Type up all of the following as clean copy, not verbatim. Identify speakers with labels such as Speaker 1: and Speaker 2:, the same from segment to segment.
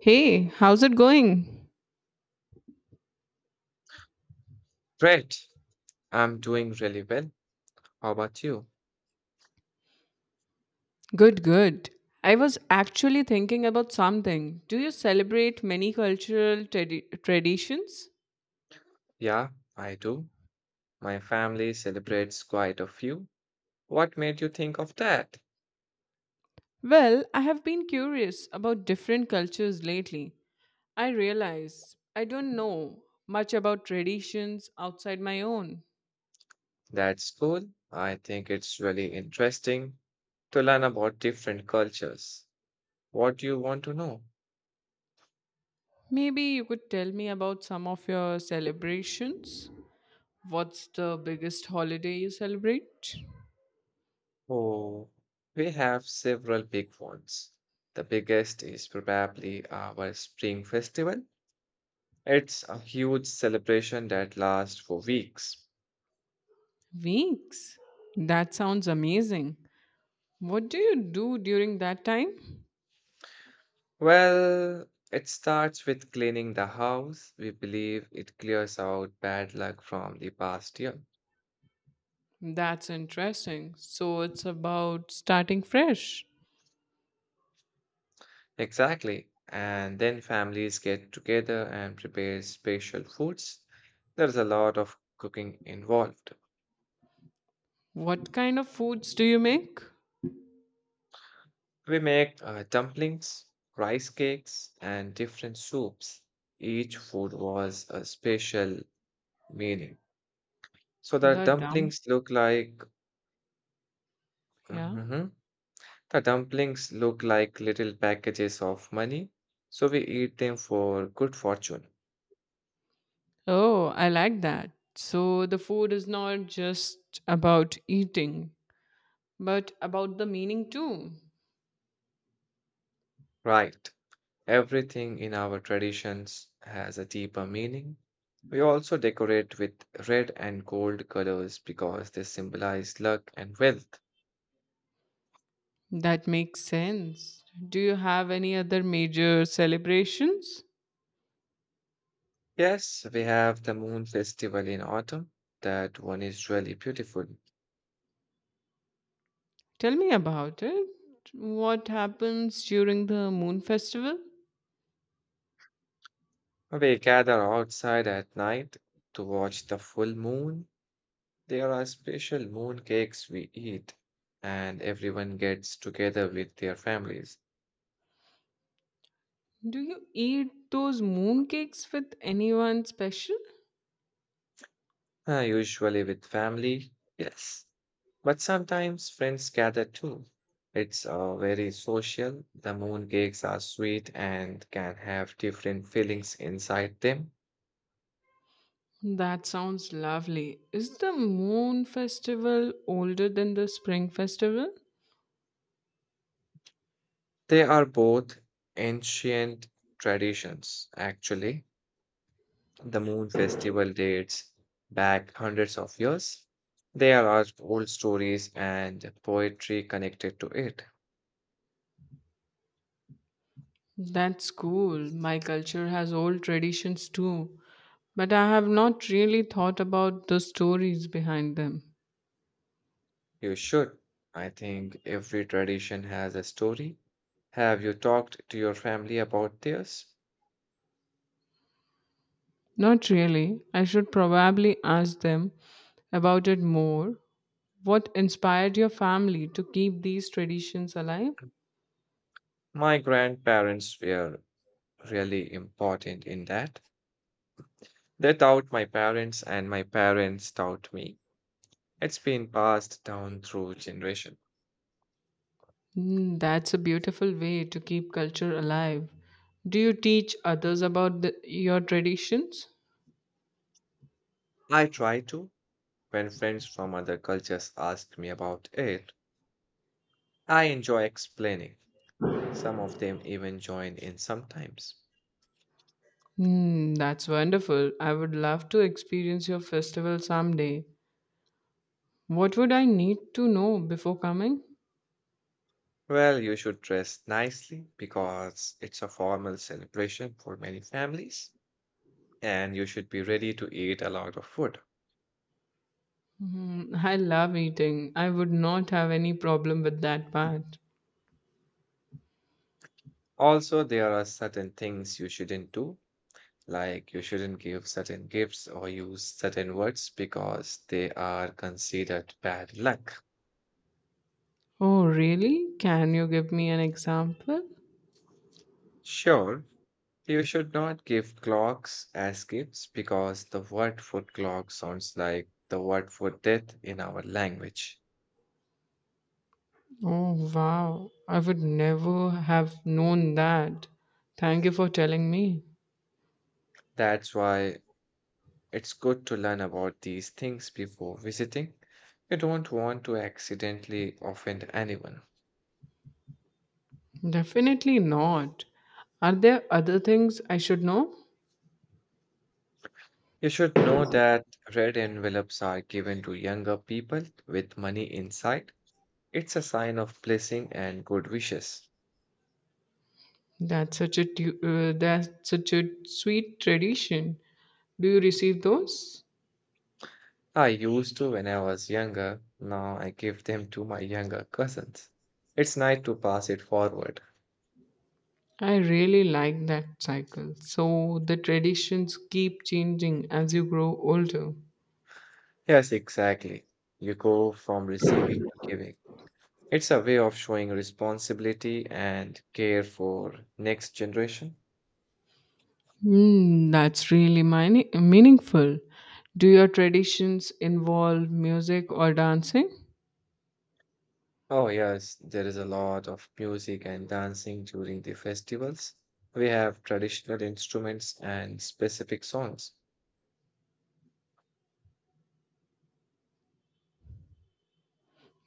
Speaker 1: Hey, how's it going?
Speaker 2: Great. I'm doing really well. How about you?
Speaker 1: Good, good. I was actually thinking about something. Do you celebrate many cultural traditions?
Speaker 2: Yeah, I do. My family celebrates quite a few. What made you think of that?
Speaker 1: Well, I have been curious about different cultures lately. I realize I don't know much about traditions outside my own.
Speaker 2: That's cool. I think it's really interesting to learn about different cultures. What do you want to know?
Speaker 1: Maybe you could tell me about some of your celebrations. What's the biggest holiday you celebrate?
Speaker 2: Oh, we have several big ones. The biggest is probably our Spring Festival. It's a huge celebration that lasts for weeks.
Speaker 1: Weeks. That sounds amazing. What do you do during that time?
Speaker 2: Well, it starts with cleaning the house. We believe it clears out bad luck from the past year.
Speaker 1: That's interesting. So it's about starting fresh.
Speaker 2: Exactly. And then families get together and prepare special foods. There's a lot of cooking involved.
Speaker 1: What kind of foods do you make?
Speaker 2: We make dumplings, rice cakes, and different soups. Each food was a special meaning. So the
Speaker 1: The dump,
Speaker 2: dumplings look like.
Speaker 1: yeah.
Speaker 2: Mhm. The dumplings look like little packages of money, so we eat them for good fortune.
Speaker 1: Oh, I like that. So the food is not just about eating, but about the meaning too.
Speaker 2: Right. Everything in our traditions has a deeper meaning. We also decorate with red and gold colors because they symbolize luck and wealth.
Speaker 1: That makes sense. Do you have any other major celebrations?
Speaker 2: Yes, we have the moon festival in autumn. That one is really beautiful.
Speaker 1: Tell me about it. What happens during the moon festival?
Speaker 2: We gather outside at night to watch the full moon. There are special mooncakes we eat, and everyone gets together with their families.
Speaker 1: Do you eat those mooncakes with anyone special?
Speaker 2: Usually with family, yes. But sometimes friends gather too. It's very social. The mooncakes are sweet and can have different feelings inside them.
Speaker 1: That sounds lovely. Is the moon festival older than the spring festival?
Speaker 2: They are both ancient traditions, actually. The moon festival dates back hundreds of years. There are old stories and poetry connected to it.
Speaker 1: That's cool. My culture has old traditions too. But I have not really thought about the stories behind them.
Speaker 2: You should. I think every tradition has a story. Have you talked to your family about theirs?
Speaker 1: Not really. I should probably ask them about it more. What inspired your family to keep these traditions alive?
Speaker 2: My grandparents were really important in that. They taught my parents, and my parents taught me. It's been passed down through generation.
Speaker 1: Mm, that's a beautiful way to keep culture alive. Do you teach others about your traditions?
Speaker 2: I try to. When friends from other cultures ask me about it, I enjoy explaining. Some of them even join in sometimes.
Speaker 1: Mm, that's wonderful. I would love to experience your festival someday. What would I need to know before coming?
Speaker 2: Well, you should dress nicely because it's a formal celebration for many families, and you should be ready to eat a lot of food.
Speaker 1: Mm, I love eating. I would not have any problem with that part.
Speaker 2: Also, there are certain things you shouldn't do, like you shouldn't give certain gifts or use certain words because they are considered bad luck.
Speaker 1: Oh, really? Can you give me an example?
Speaker 2: Sure, you should not give clocks as gifts because the word for clock sounds like the word for death in our language.
Speaker 1: Oh, wow. I would never have known that. Thank you for telling me.
Speaker 2: That's why it's good to learn about these things before visiting. You don't want to accidentally offend anyone.
Speaker 1: Definitely not. Are there other things I should know?
Speaker 2: You should know that red envelopes are given to younger people with money inside. It's a sign of blessing and good wishes.
Speaker 1: That's such a sweet tradition. Do you receive those?
Speaker 2: I used to when I was younger. Now I give them to my younger cousins. It's nice to pass it forward.
Speaker 1: I really like that cycle. So the traditions keep changing as you grow older.
Speaker 2: Yes, exactly. You go from receiving to giving. It's a way of showing responsibility and care for next generation.
Speaker 1: Hmm, that's really meaningful. Do your traditions involve music or dancing?
Speaker 2: Oh yes, there is a lot of music and dancing during the festivals. We have traditional instruments and specific songs.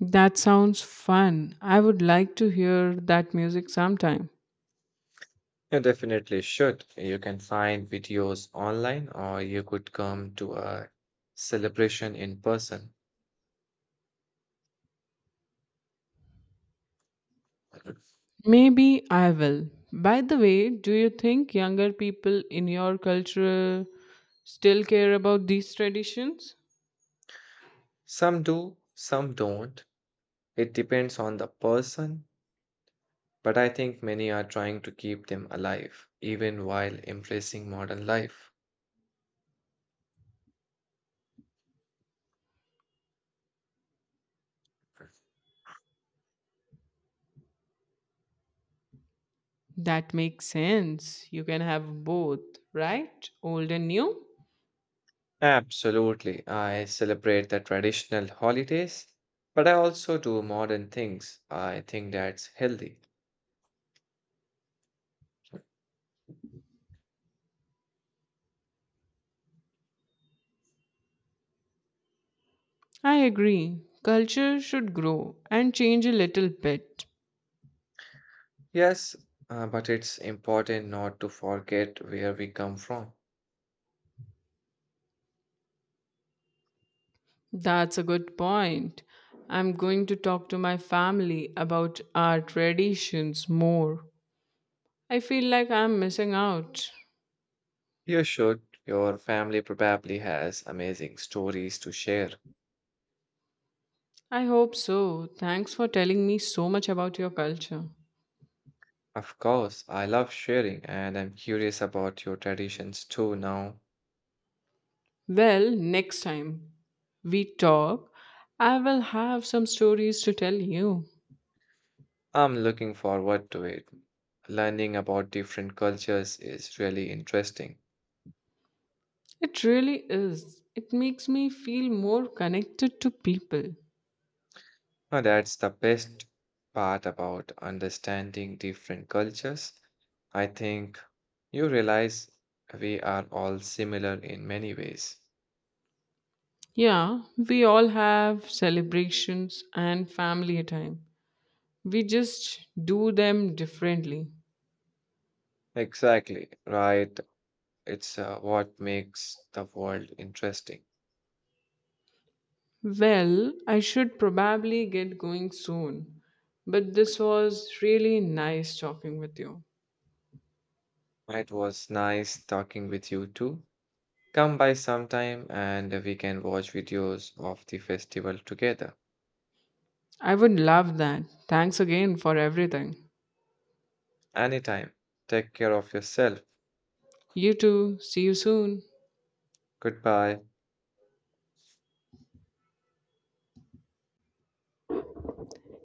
Speaker 1: That sounds fun. I would like to hear that music sometime.
Speaker 2: You definitely should. You can find videos online or you could come to a celebration in person.
Speaker 1: Maybe I will. By the way, do you think younger people in your culture still care about these traditions?
Speaker 2: Some do, some don't. It depends on the person, but I think many are trying to keep them alive, even while embracing modern life.
Speaker 1: That makes sense. You can have both, right? Old and new?
Speaker 2: Absolutely. I celebrate the traditional holidays, but I also do modern things. I think that's healthy.
Speaker 1: I agree. Culture should grow and change a little bit.
Speaker 2: Yes, but it's important not to forget where we come from.
Speaker 1: That's a good point. I'm going to talk to my family about our traditions more. I feel like I'm missing out.
Speaker 2: You should. Your family probably has amazing stories to share.
Speaker 1: I hope so. Thanks for telling me so much about your culture.
Speaker 2: Of course, I love sharing and I'm curious about your traditions too now.
Speaker 1: Well, next time we talk, I will have some stories to tell you.
Speaker 2: I'm looking forward to it. Learning about different cultures is really interesting.
Speaker 1: It really is. It makes me feel more connected to people.
Speaker 2: Now, that's the best part about understanding different cultures. I think you realize we are all similar in many ways.
Speaker 1: Yeah, we all have celebrations and family time. We just do them differently.
Speaker 2: Exactly, right? It's what makes the world interesting.
Speaker 1: Well, I should probably get going soon, but this was really nice talking with you.
Speaker 2: It was nice talking with you too. Come by sometime and we can watch videos of the festival together.
Speaker 1: I would love that. Thanks again for everything.
Speaker 2: Anytime. Take care of yourself.
Speaker 1: You too. See you soon.
Speaker 2: Goodbye.